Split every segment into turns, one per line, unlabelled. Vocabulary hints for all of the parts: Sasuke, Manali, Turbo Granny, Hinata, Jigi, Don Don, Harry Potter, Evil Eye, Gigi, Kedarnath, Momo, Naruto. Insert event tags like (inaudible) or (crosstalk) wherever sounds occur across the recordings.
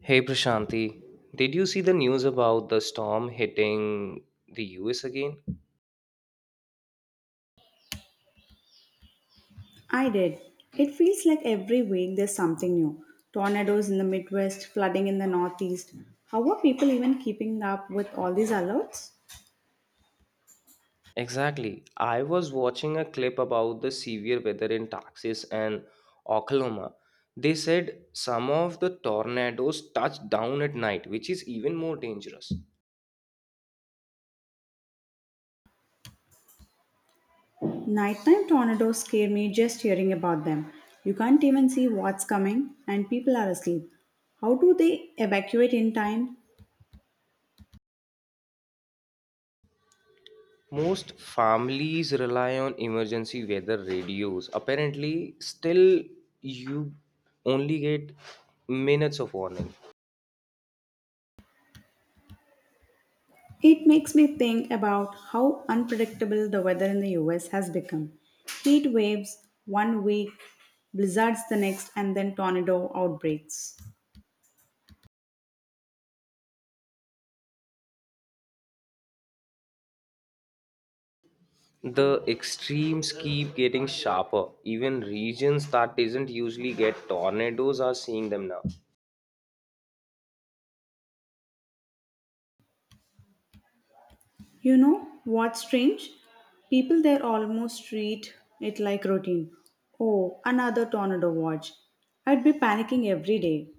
Hey Prashanti, did you see the news about the storm hitting the US again?
I did. It feels like every week there's something new. Tornadoes in the Midwest, flooding in the Northeast. How are people even keeping up with all these alerts?
Exactly. I was watching a clip about the severe weather in Texas and Oklahoma. They said some of the tornadoes touched down at night, which is even more dangerous.
Nighttime tornadoes scare me just hearing about them. You can't even see what's coming, and people are asleep. How do they evacuate in time?
Most families rely on emergency weather radios. Apparently, still you only get minutes of warning.
It makes me think about how unpredictable the weather in the US has become. Heat waves one week, blizzards the next, and then tornado outbreaks.
The extremes keep getting sharper. Even regions that doesn't usually get tornadoes are seeing them now.
You know what's strange? People there almost treat it like routine. Oh, another tornado watch. I'd be panicking every day.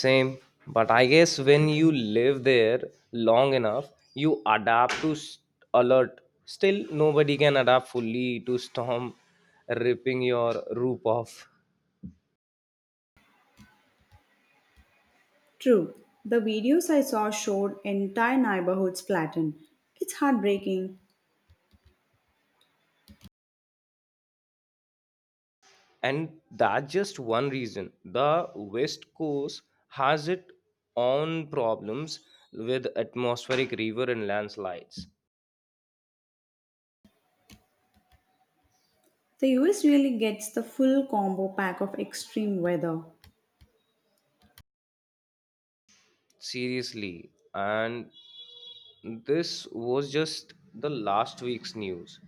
Same, but I guess when you live there long enough you adapt to alert. Still nobody can adapt fully to storm ripping your roof off.
True, the videos I saw showed entire neighborhoods flattened. It's heartbreaking.
And that's just one reason the west coast has its own problems with atmospheric river and landslides.
The US really gets the full combo pack of extreme weather.
Seriously. And this was just the last week's news.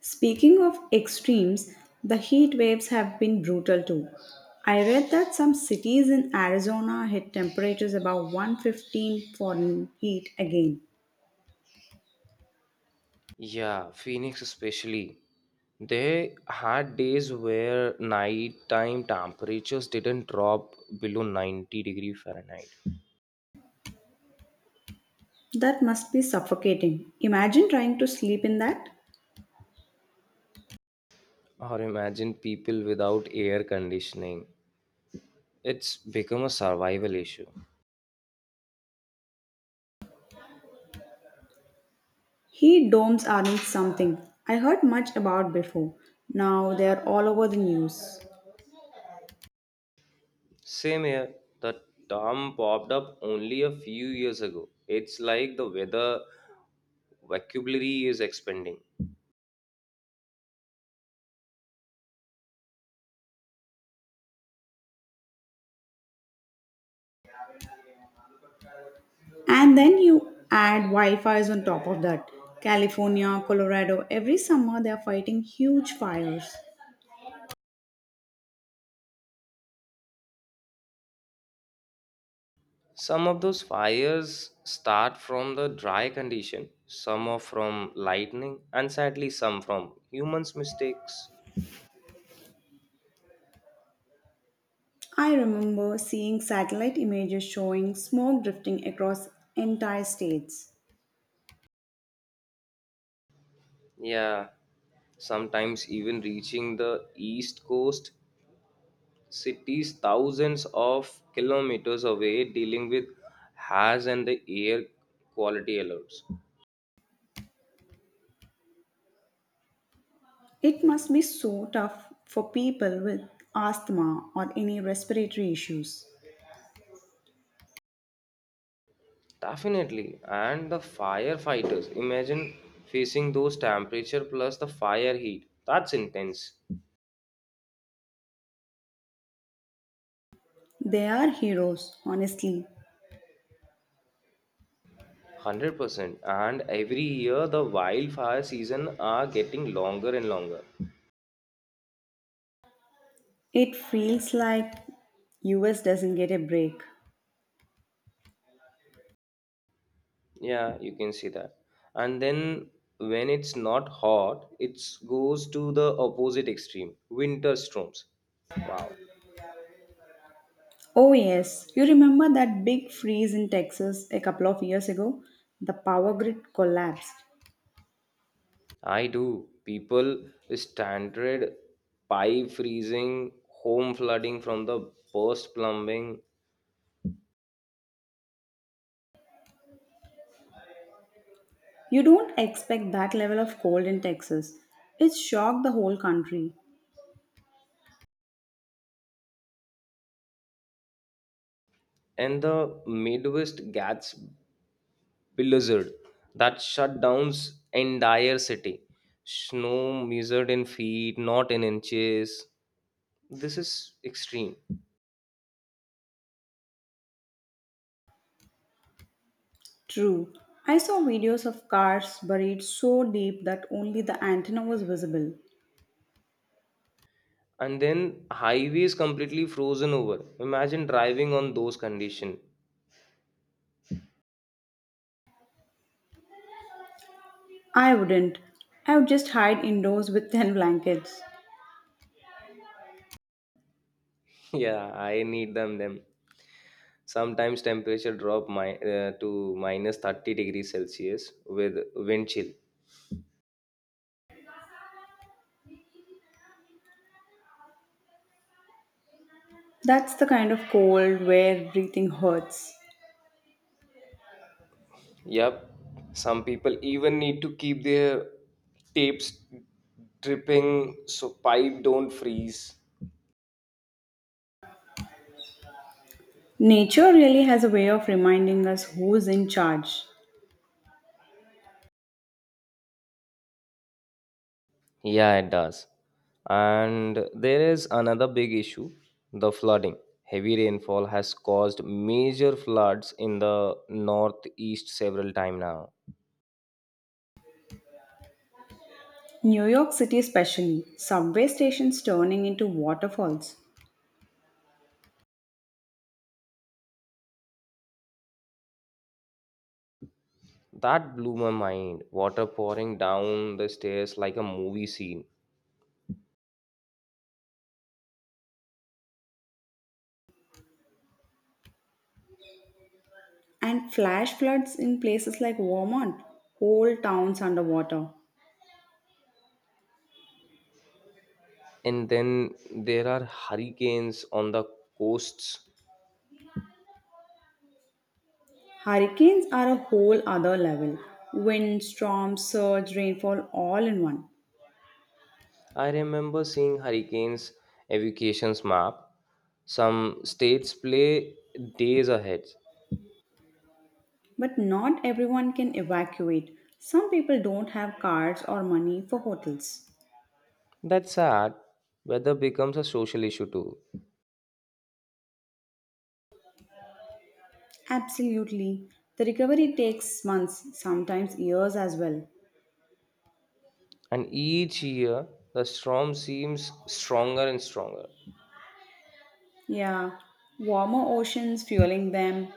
Speaking of extremes, the heat waves have been brutal too. I read that some cities in Arizona hit temperatures above 115 foreign heat again.
Yeah, Phoenix especially. They had days where nighttime temperatures didn't drop below 90-degree Fahrenheit.
That must be suffocating. Imagine trying to sleep in that.
Or imagine people without air conditioning. It's become a survival issue.
Heat domes aren't something I heard much about before. Now they are all over the news.
Same here, the term popped up only a few years ago. It's like the weather vocabulary is expanding.
And then you add Wi-Fi's on top of that. California, Colorado, every summer they are fighting huge fires.
Some of those fires start from the dry condition, some are from lightning, and sadly, some from humans' mistakes.
I remember seeing satellite images showing smoke drifting across entire states.
Yeah, sometimes even reaching the east coast cities thousands of kilometers away, dealing with hazards and the air quality alerts.
It must be so tough for people with asthma or any respiratory issues.
Definitely, and the firefighters imagine facing those temperature plus the fire heat. That's intense.
They are heroes, honestly.
100% and every year the wildfire season are getting longer and longer.
It feels like US doesn't get a break.
Yeah, you can see that. And then when it's not hot it goes to the opposite extreme, winter storms. Wow.
Oh yes, you remember that big freeze in Texas a couple of years ago? The power grid collapsed.
I do. People standard pipe freezing, home flooding from the burst plumbing.
You don't expect that level of cold in Texas. It shocked the whole country.
And the midwest gets blizzard that shut down entire city. Snow measured in feet, not in inches. This is extreme.
True. I saw videos of cars buried so deep that only the antenna was visible.
And then highways completely frozen over. Imagine driving on those conditions.
I wouldn't. I would just hide indoors with (laughs) thin blankets.
(laughs) Yeah, I need them. Them sometimes temperature drop my to minus 30 degrees Celsius with wind chill.
That's the kind of cold where breathing hurts.
Yep. Some people even need to keep their tapes dripping so pipe don't freeze.
Nature really has a way of reminding us who's in charge.
Yeah, it does. And there is another big issue, the flooding. Heavy rainfall has caused major floods in the northeast several times now.
New York City, especially, subway stations turning into waterfalls,
That blew my mind. Water pouring down the stairs like a movie scene.
and flash floods in places like Vermont, whole towns underwater.
And then there are hurricanes on the coasts.
Hurricanes are a whole other level. Wind, storm, surge, rainfall, all in one.
I remember seeing hurricanes evacuations map. Some states play days ahead.
But not everyone can evacuate. Some people don't have cards or money for hotels.
That's sad. Weather becomes a social issue too.
Absolutely. The recovery takes months, sometimes years as well.
And each year, the storm seems stronger and stronger.
Yeah, warmer oceans fueling them.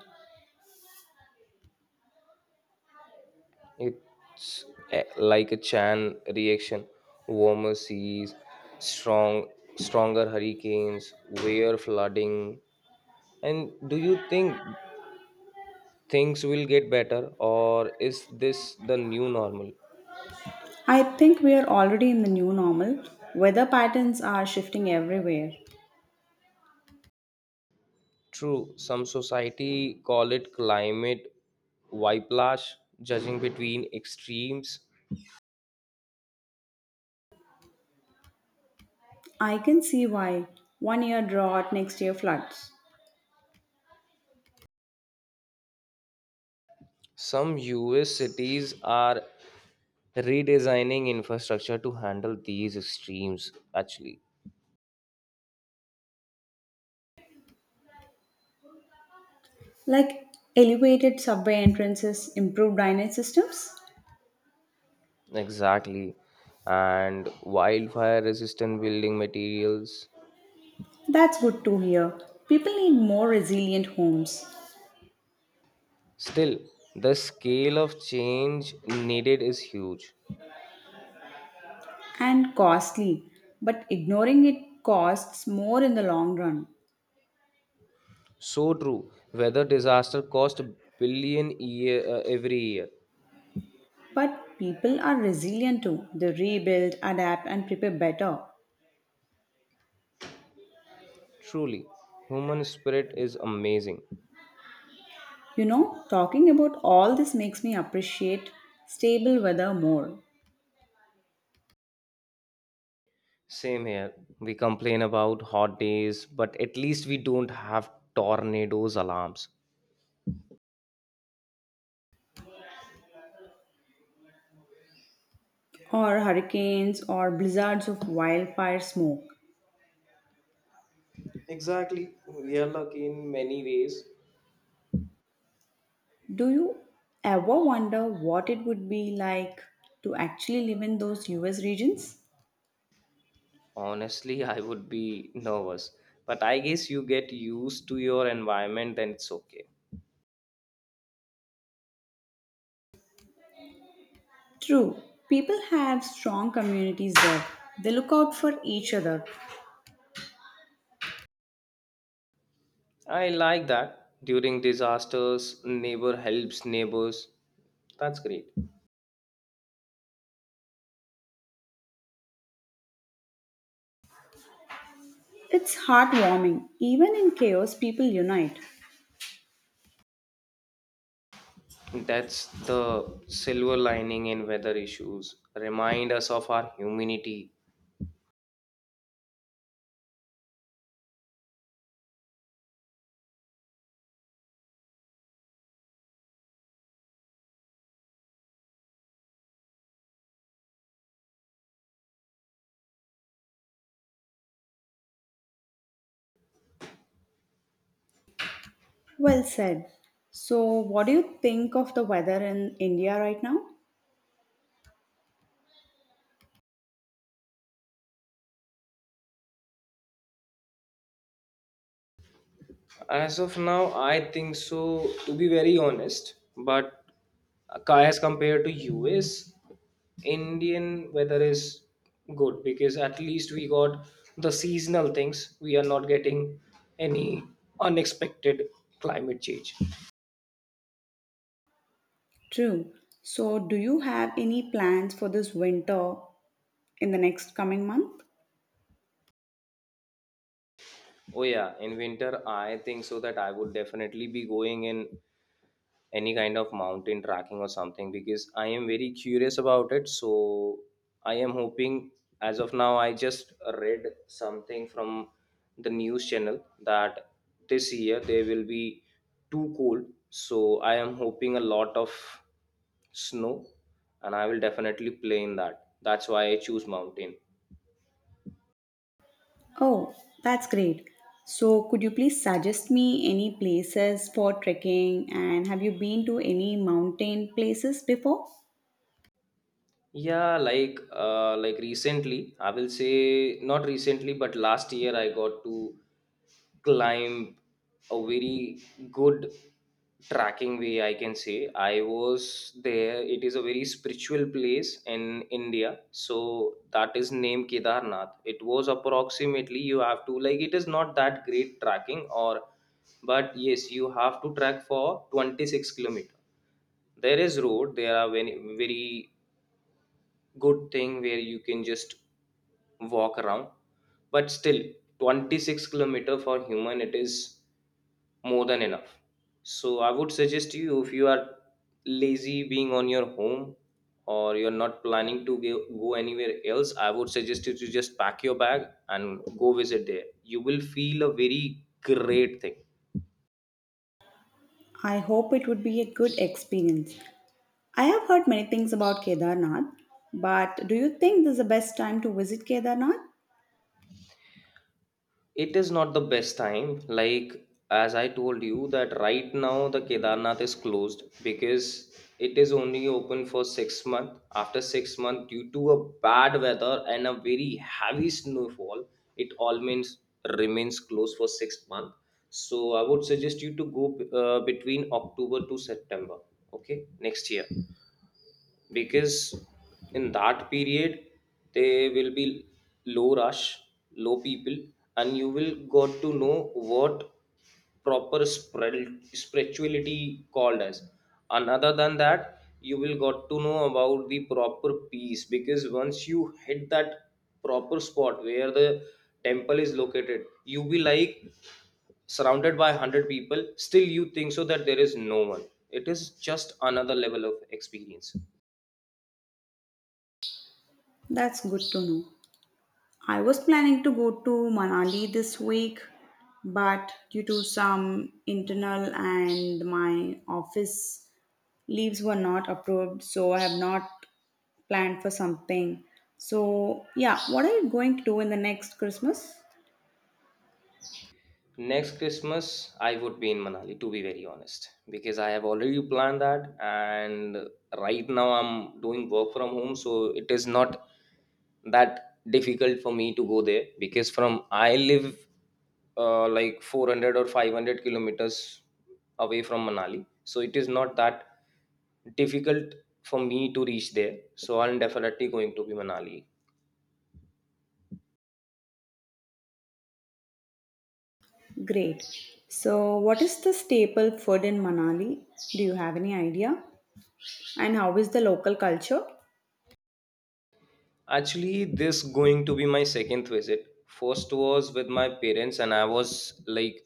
It's like a chain reaction, warmer seas, strong, stronger hurricanes, weir flooding. And do you think things will get better, or is this the new normal?
I think we are already in the new normal. Weather patterns are shifting everywhere.
True, some society call it climate whiplash, judging between extremes.
I can see why. One year drought, next year floods.
Some US cities are redesigning infrastructure to handle these extremes, actually.
Like elevated subway entrances, improved drainage systems?
Exactly. And wildfire resistant building materials.
That's good to hear. People need more resilient homes
Still, the scale of change needed is huge.
and costly, but ignoring it costs more in the long run.
So true. Weather disaster cost a billion year, every year.
But people are resilient too. They rebuild, adapt, and prepare better.
Truly, human spirit is amazing.
You know, talking about all this makes me appreciate stable weather more,
Same here. We complain about hot days, but at least we don't have tornadoes alarms.
or hurricanes, or blizzards of wildfire smoke.
Exactly. We are lucky in many ways.
Do you ever wonder what it would be like to actually live in those US regions?
Honestly, (laughs) I would be nervous, but I guess you get used to your environment, then it's okay.
True, people have strong communities there. They look out for each other.
I like that. During disasters, neighbor helps neighbors. That's great.
It's heartwarming. Even in chaos, people unite.
That's the silver lining in weather issues. Remind us of our humanity.
Well said. So, what do you think of the weather in India right now?
As of now, I think so, to be very honest. But as compared to US, Indian weather is good because at least we got the seasonal things. We are not getting any unexpected climate change.
True. So, do you have any plans for this winter in the next coming month?
Oh yeah, in winter, I think so that I would definitely be going in any kind of mountain tracking or something because I am very curious about it. So I am hoping, as of now, I just read something from the news channel that this year there will be too cold. So I am hoping a lot of snow and I will definitely play in that. That's why I choose mountain.
Oh, that's great. So, could you please suggest me any places for trekking and have you been to any mountain places before?
Yeah, like recently, I will say not recently, but last year I got to climb a very good tracking way. I can say I was there. It is a very spiritual place in India, so that is named Kedarnath. It was approximately, you have to like, it is not that great tracking or, but yes, you have to track for 26 kilometers. There is road, there are very, very good thing where you can just walk around, but still 26 kilometer for human it is more than enough. So I would suggest you, if you are lazy being on your home or you're not planning to go, go anywhere else, I would suggest you to just pack your bag and go visit there. You will feel a very great thing.
I hope it would be a good experience. I have heard many things about Kedarnath, but do you think this is the best time to visit Kedarnath?
It is not the best time. Like as I told you that right now the Kedarnath is closed because it is only open for 6 month. After 6-month due to a bad weather and a very heavy snowfall, it all means remains closed for 6 month. So I would suggest you to go between October to September, okay, next year, because in that period there will be low rush, low people, and you will got to know what proper spirituality called as. And other than that you will got to know about the proper peace, because once you hit that proper spot where the temple is located you be like surrounded by 100 people still you think so that there is no one. It is just another level of experience.
That's good to know. I was planning to go to Manali this week, but due to some internal and my office leaves were not approved, so I have not planned for something. So yeah, what are you going to do in the next Christmas?
Next Christmas, I would be in Manali, to be very honest, because I have already planned that. And right now, I'm doing work from home, so it is not that difficult for me to go there because from I live like 400 or 500 kilometers away from Manali, so it is not that difficult for me to reach there. So I'm definitely going to be Manali.
Great. So what is the staple food in Manali? Do you have any idea? And how is the local culture?
Actually, this going to be my second visit. First was with my parents, and I was like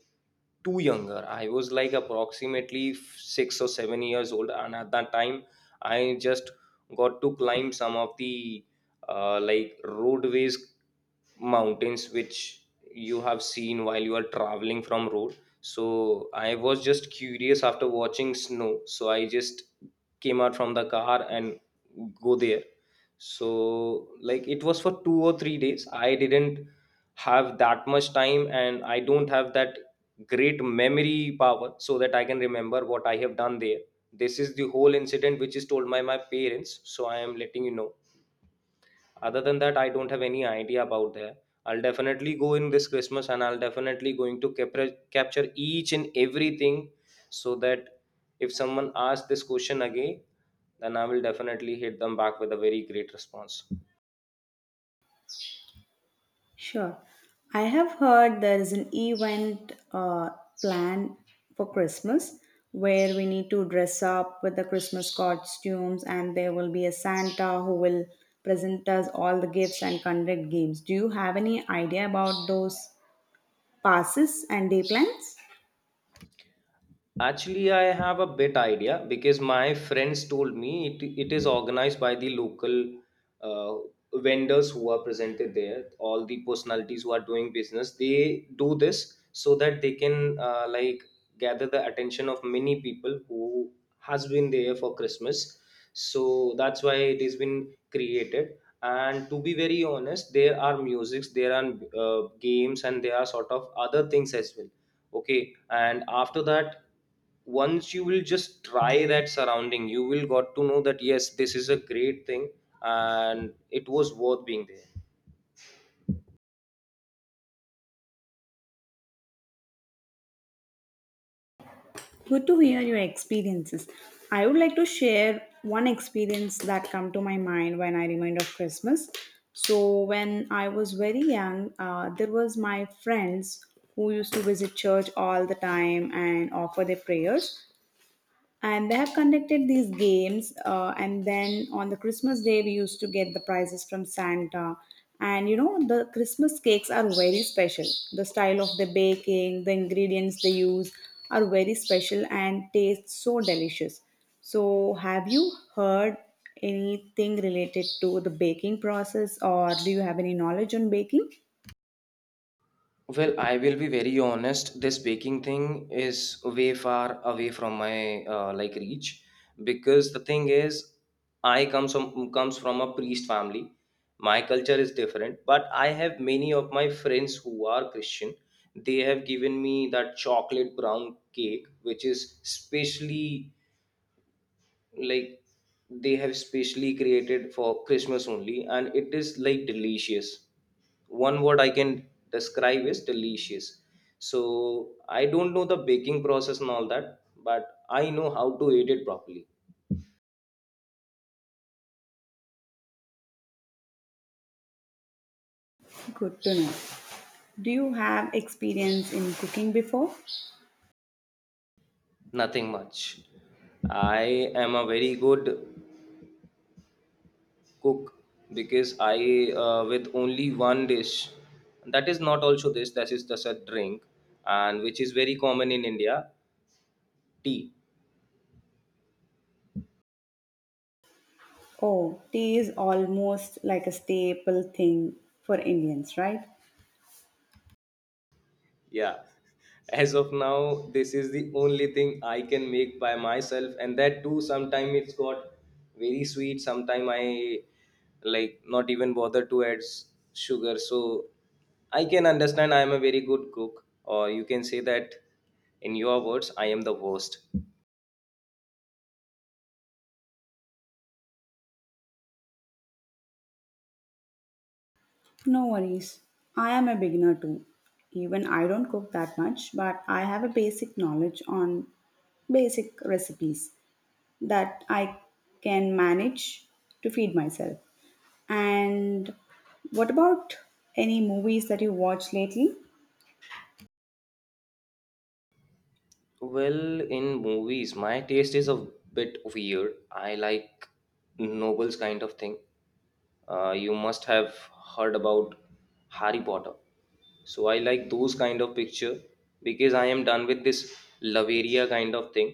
too younger. I was like approximately 6 or 7 years old, and at that time, I just got to climb some of the like roadways mountains which you have seen while you are traveling from road. So I was just curious after watching snow, so I just came out from the car and go there. So like it was for 2 or 3 days. I didn't have that much time and I don't have that great memory power so that I can remember what I have done there. This is the whole incident which is told by my parents, so I am letting you know. Other than that I don't have any idea about that. I'll definitely go in this christmas and I'll definitely going to capture each and everything, so that if someone asks this question again then I will definitely hit them back with a very great response.
Sure. I have heard there is an event planned for Christmas where we need to dress up with the Christmas costumes and there will be a Santa who will present us all the gifts and conduct games. Do you have any idea about those passes and day plans?
Actually, I have a bit idea because my friends told me it is organized by the local uh, vendors who are presented there. All the personalities who are doing business, they do this so that they can like gather the attention of many people who has been there for Christmas. So that's why it has been created. And to be very honest, there are musics, there are games, and there are sort of other things as well. Okay, and after that once you will just try that surrounding you will got to know that yes this is a great thing and it was worth being there.
Good to hear your experiences. I would like to share one experience that come to my mind when I remind of Christmas. So when I was very young, there was my friends who used to visit church all the time and offer their prayers, and they have conducted these games and then on the Christmas day we used to get the prizes from Santa. And the Christmas cakes are very special. The style of the baking, the ingredients they use, are very special and taste so delicious. So have you heard anything related to the baking process, or do you have any knowledge on baking?
Well, I will be very honest, this baking thing is way far away from my like reach, because the thing is, I comes from a priest family. My culture is different, but I have many of my friends who are christian. They have given me that chocolate brown cake which is specially like, they have specially created for christmas only, and it is like delicious. One word I can describe is delicious. So I don't know the baking process and all that, but I know how to eat it properly.
Good to know. Do you have experience in cooking before?
Nothing much. I am a very good cook because I with only one dish, that is not also this, that is just a drink, and which is very common in india, tea.
Oh, tea is almost like a staple thing for Indians, right?
Yeah, as of now this is the only thing I can make by myself, and that too sometime it's got very sweet, sometime I like not even bother to add sugar. So I can understand I am a very good cook, or you can say that in your words I am the worst.
No worries. I am a beginner too. Even I don't cook that much, but I have a basic knowledge on basic recipes that I can manage to feed myself. And what about any movies that you watched lately?
Well, in movies my taste is a bit weird. I like nobles kind of thing. You must have heard about harry potter. So I like those kind of picture because I am done with this love area kind of thing.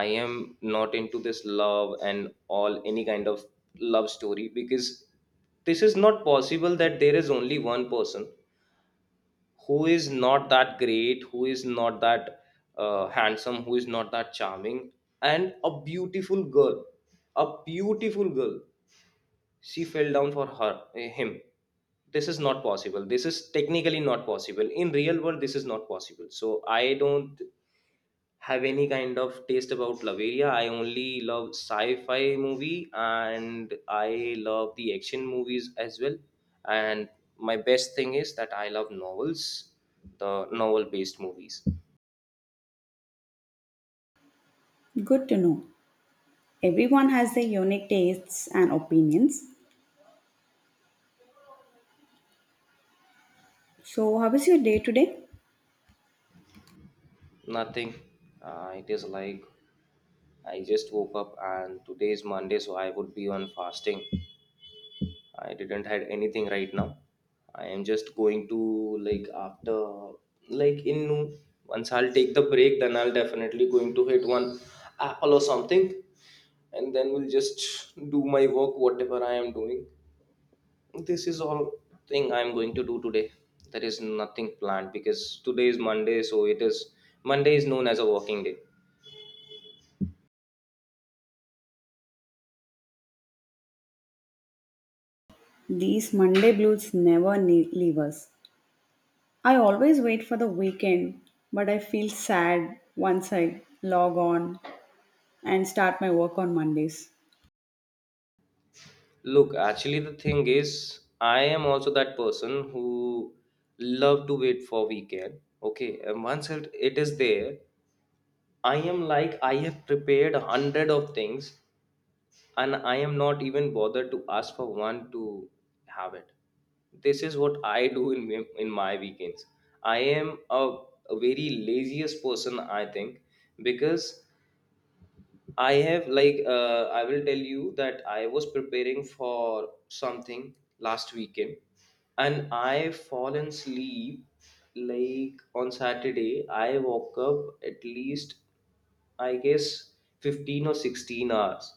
I am not into this love and all, any kind of love story, because this is not possible that there is only one person who is not that great, who is not that handsome, who is not that charming, and a beautiful girl, a beautiful girl, she fell down for him. This is not possible. This is technically not possible in real world. This is not possible, so I don't have any kind of taste about laveria. I only love sci-fi movie and I love the action movies as well. And my best thing is that I love novels, the novel based movies.
Good to know. Everyone has their unique tastes and opinions. So, how is your day today?
Nothing. It is like I just woke up and today is Monday, so I would be on fasting. I didn't had anything right now. I am just going to, like, after, like, in, once I'll take the break, then I'll definitely going to hit one apple or something, and then we'll just do my work, whatever I am doing. This is all thing I'm going to do today. There is nothing planned because today is Monday, so it is, Monday is known as a working day.
These Monday blues never ne- leave us. I always wait for the weekend, but I feel sad once I log on and start my work on Mondays.
Look, actually, the thing is, I am also that person who love to wait for weekend. Okay, and once it is there, I am like I have prepared 100 of things, and I am not even bothered to ask for one to have it. This is what I do in in my weekends. I am a, a very laziest person, I think, because I have like I will tell you that I was preparing for something last weekend and I fallen asleep. Like on Saturday I woke up, at least I guess 15 or 16 hours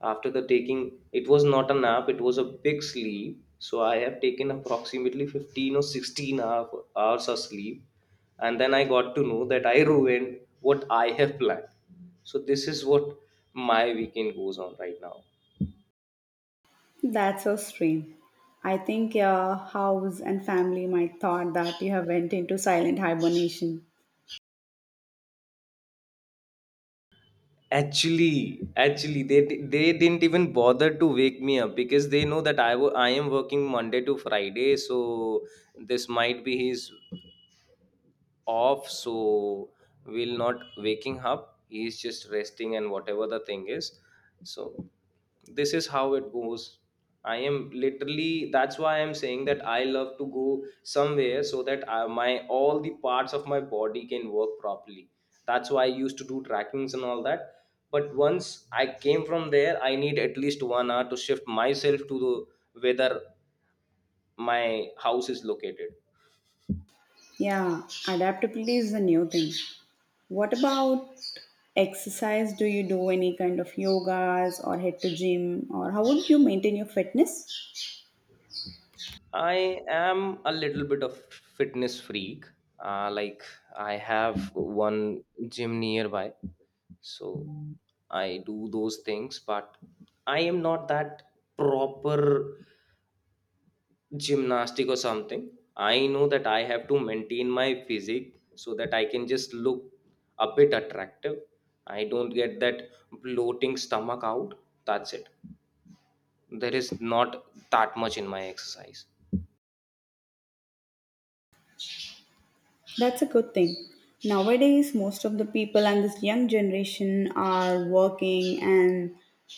after the taking. It was not a nap, it was a big sleep. So I have taken approximately 15 or 16 half hours of sleep. And then I got to know that I ruined what I have planned. So this is what my weekend goes on right now.
That's so strange. I think your house and family might thought that you have went into silent hibernation.
Actually, they didn't even bother to wake me up because they know that I I am working Monday to Friday, so this might be his off, so will not waking up, he's just resting and whatever the thing is. So this is how it goes. I am literally, that's why I'm saying that I love to go somewhere so that I, my all the parts of my body can work properly. That's why I used to do trackings and all that, but once I came from there I need at least 1 hour to shift myself to the whether my house is located.
Yeah, adaptability is a new thing. What about exercise? Do you do any kind of yogas or head to gym, or how would you maintain your fitness?
I am a little bit of fitness freak. Like I have one gym nearby, so I do those things. But I am not that proper gymnastic or something. I know that I have to maintain my physique so that I can just look a bit attractive. I don't get that bloating stomach out. That's it. There is not that much in my exercise.
That's a good thing. Nowadays, most of the people and this young generation are working and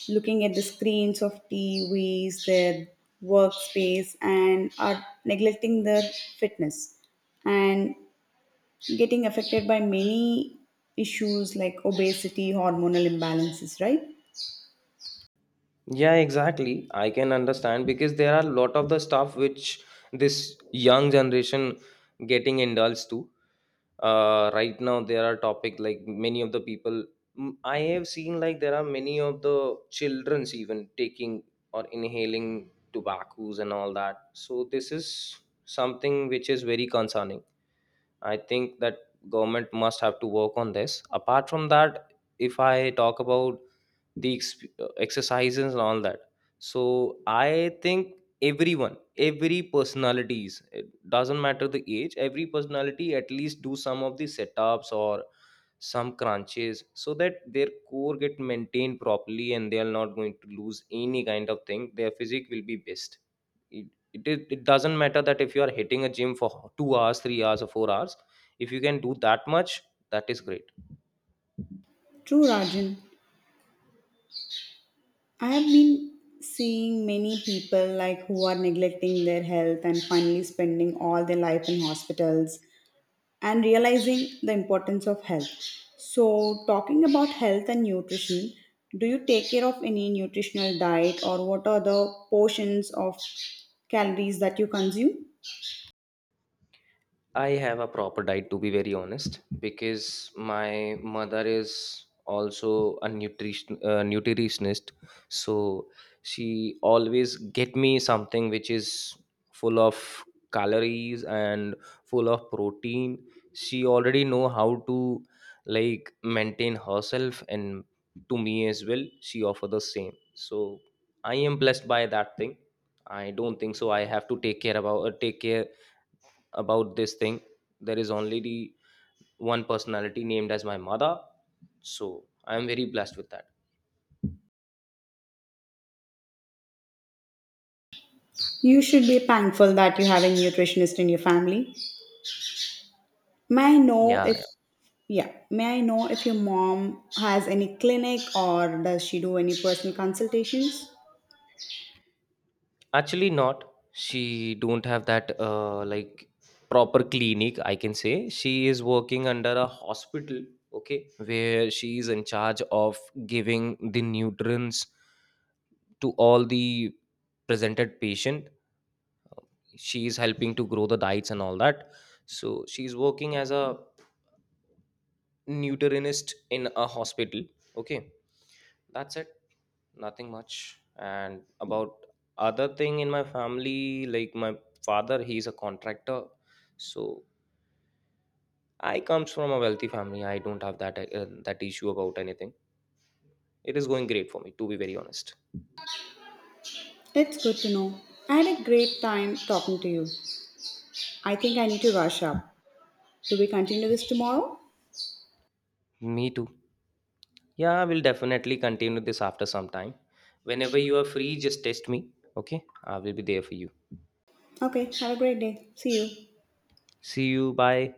looking at the screens of TVs, their workspace, and are neglecting their fitness and getting affected by many issues like obesity, hormonal imbalances, right?
Yeah, exactly. I can understand because there are a lot of the stuff which this young generation getting indulged to. Right now, there are topic like many of the people, I have seen like there are many of the childrens even taking or inhaling tobaccos and all that. So this is something which is very concerning. I think that government must have to work on this. Apart from that, if I talk about the exercises and all that, so I think everyone, every personalities, it doesn't matter the age, every personality at least do some of the setups or some crunches so that their core get maintained properly and they are not going to lose any kind of thing, their physique will be best. It it it, is- it doesn't matter that if you are hitting a gym for 2 hours, 3 hours or 4 hours. If you can do that much, that is great.
True, Rajan. I have been seeing many people like who are neglecting their health and finally spending all their life in hospitals and realizing the importance of health. So, talking about health and nutrition, do you take care of any nutritional diet, or what are the portions of calories that you consume?
I have a proper diet, to be very honest, because my mother is also a nutritionist. So she always get me something which is full of calories and full of protein. She already know how to like maintain herself, and to me as well she offer the same. So I am blessed by that thing. I don't think so I have to take care about, take care about this thing. There is only the one personality named as my mother, so I am very blessed with that.
You should be thankful that you have a nutritionist in your family. May I know
Yeah,
if
yeah.
Yeah, may I know if your mom has any clinic or does she do any personal consultations?
Actually not, she don't have that like proper clinic, I can say. She is working under a hospital. Okay, where she is in charge of giving the nutrients to all the presented patient. She is helping to grow the diets and all that. So she is working as a nutritionist in a hospital. Okay, that's it, nothing much. And about other thing in my family, like my father, he's a contractor. So I comes from a wealthy family, I don't have that that issue about anything. It is going great for me, to be very honest.
It's good to know. I had a great time talking to you. I think I need to rush up. Do we continue this tomorrow?
Me too. Yeah, I will definitely continue this after some time. Whenever you are free, just test me. Okay, I will be there for you.
Okay, have a great day. See you.
See you, bye.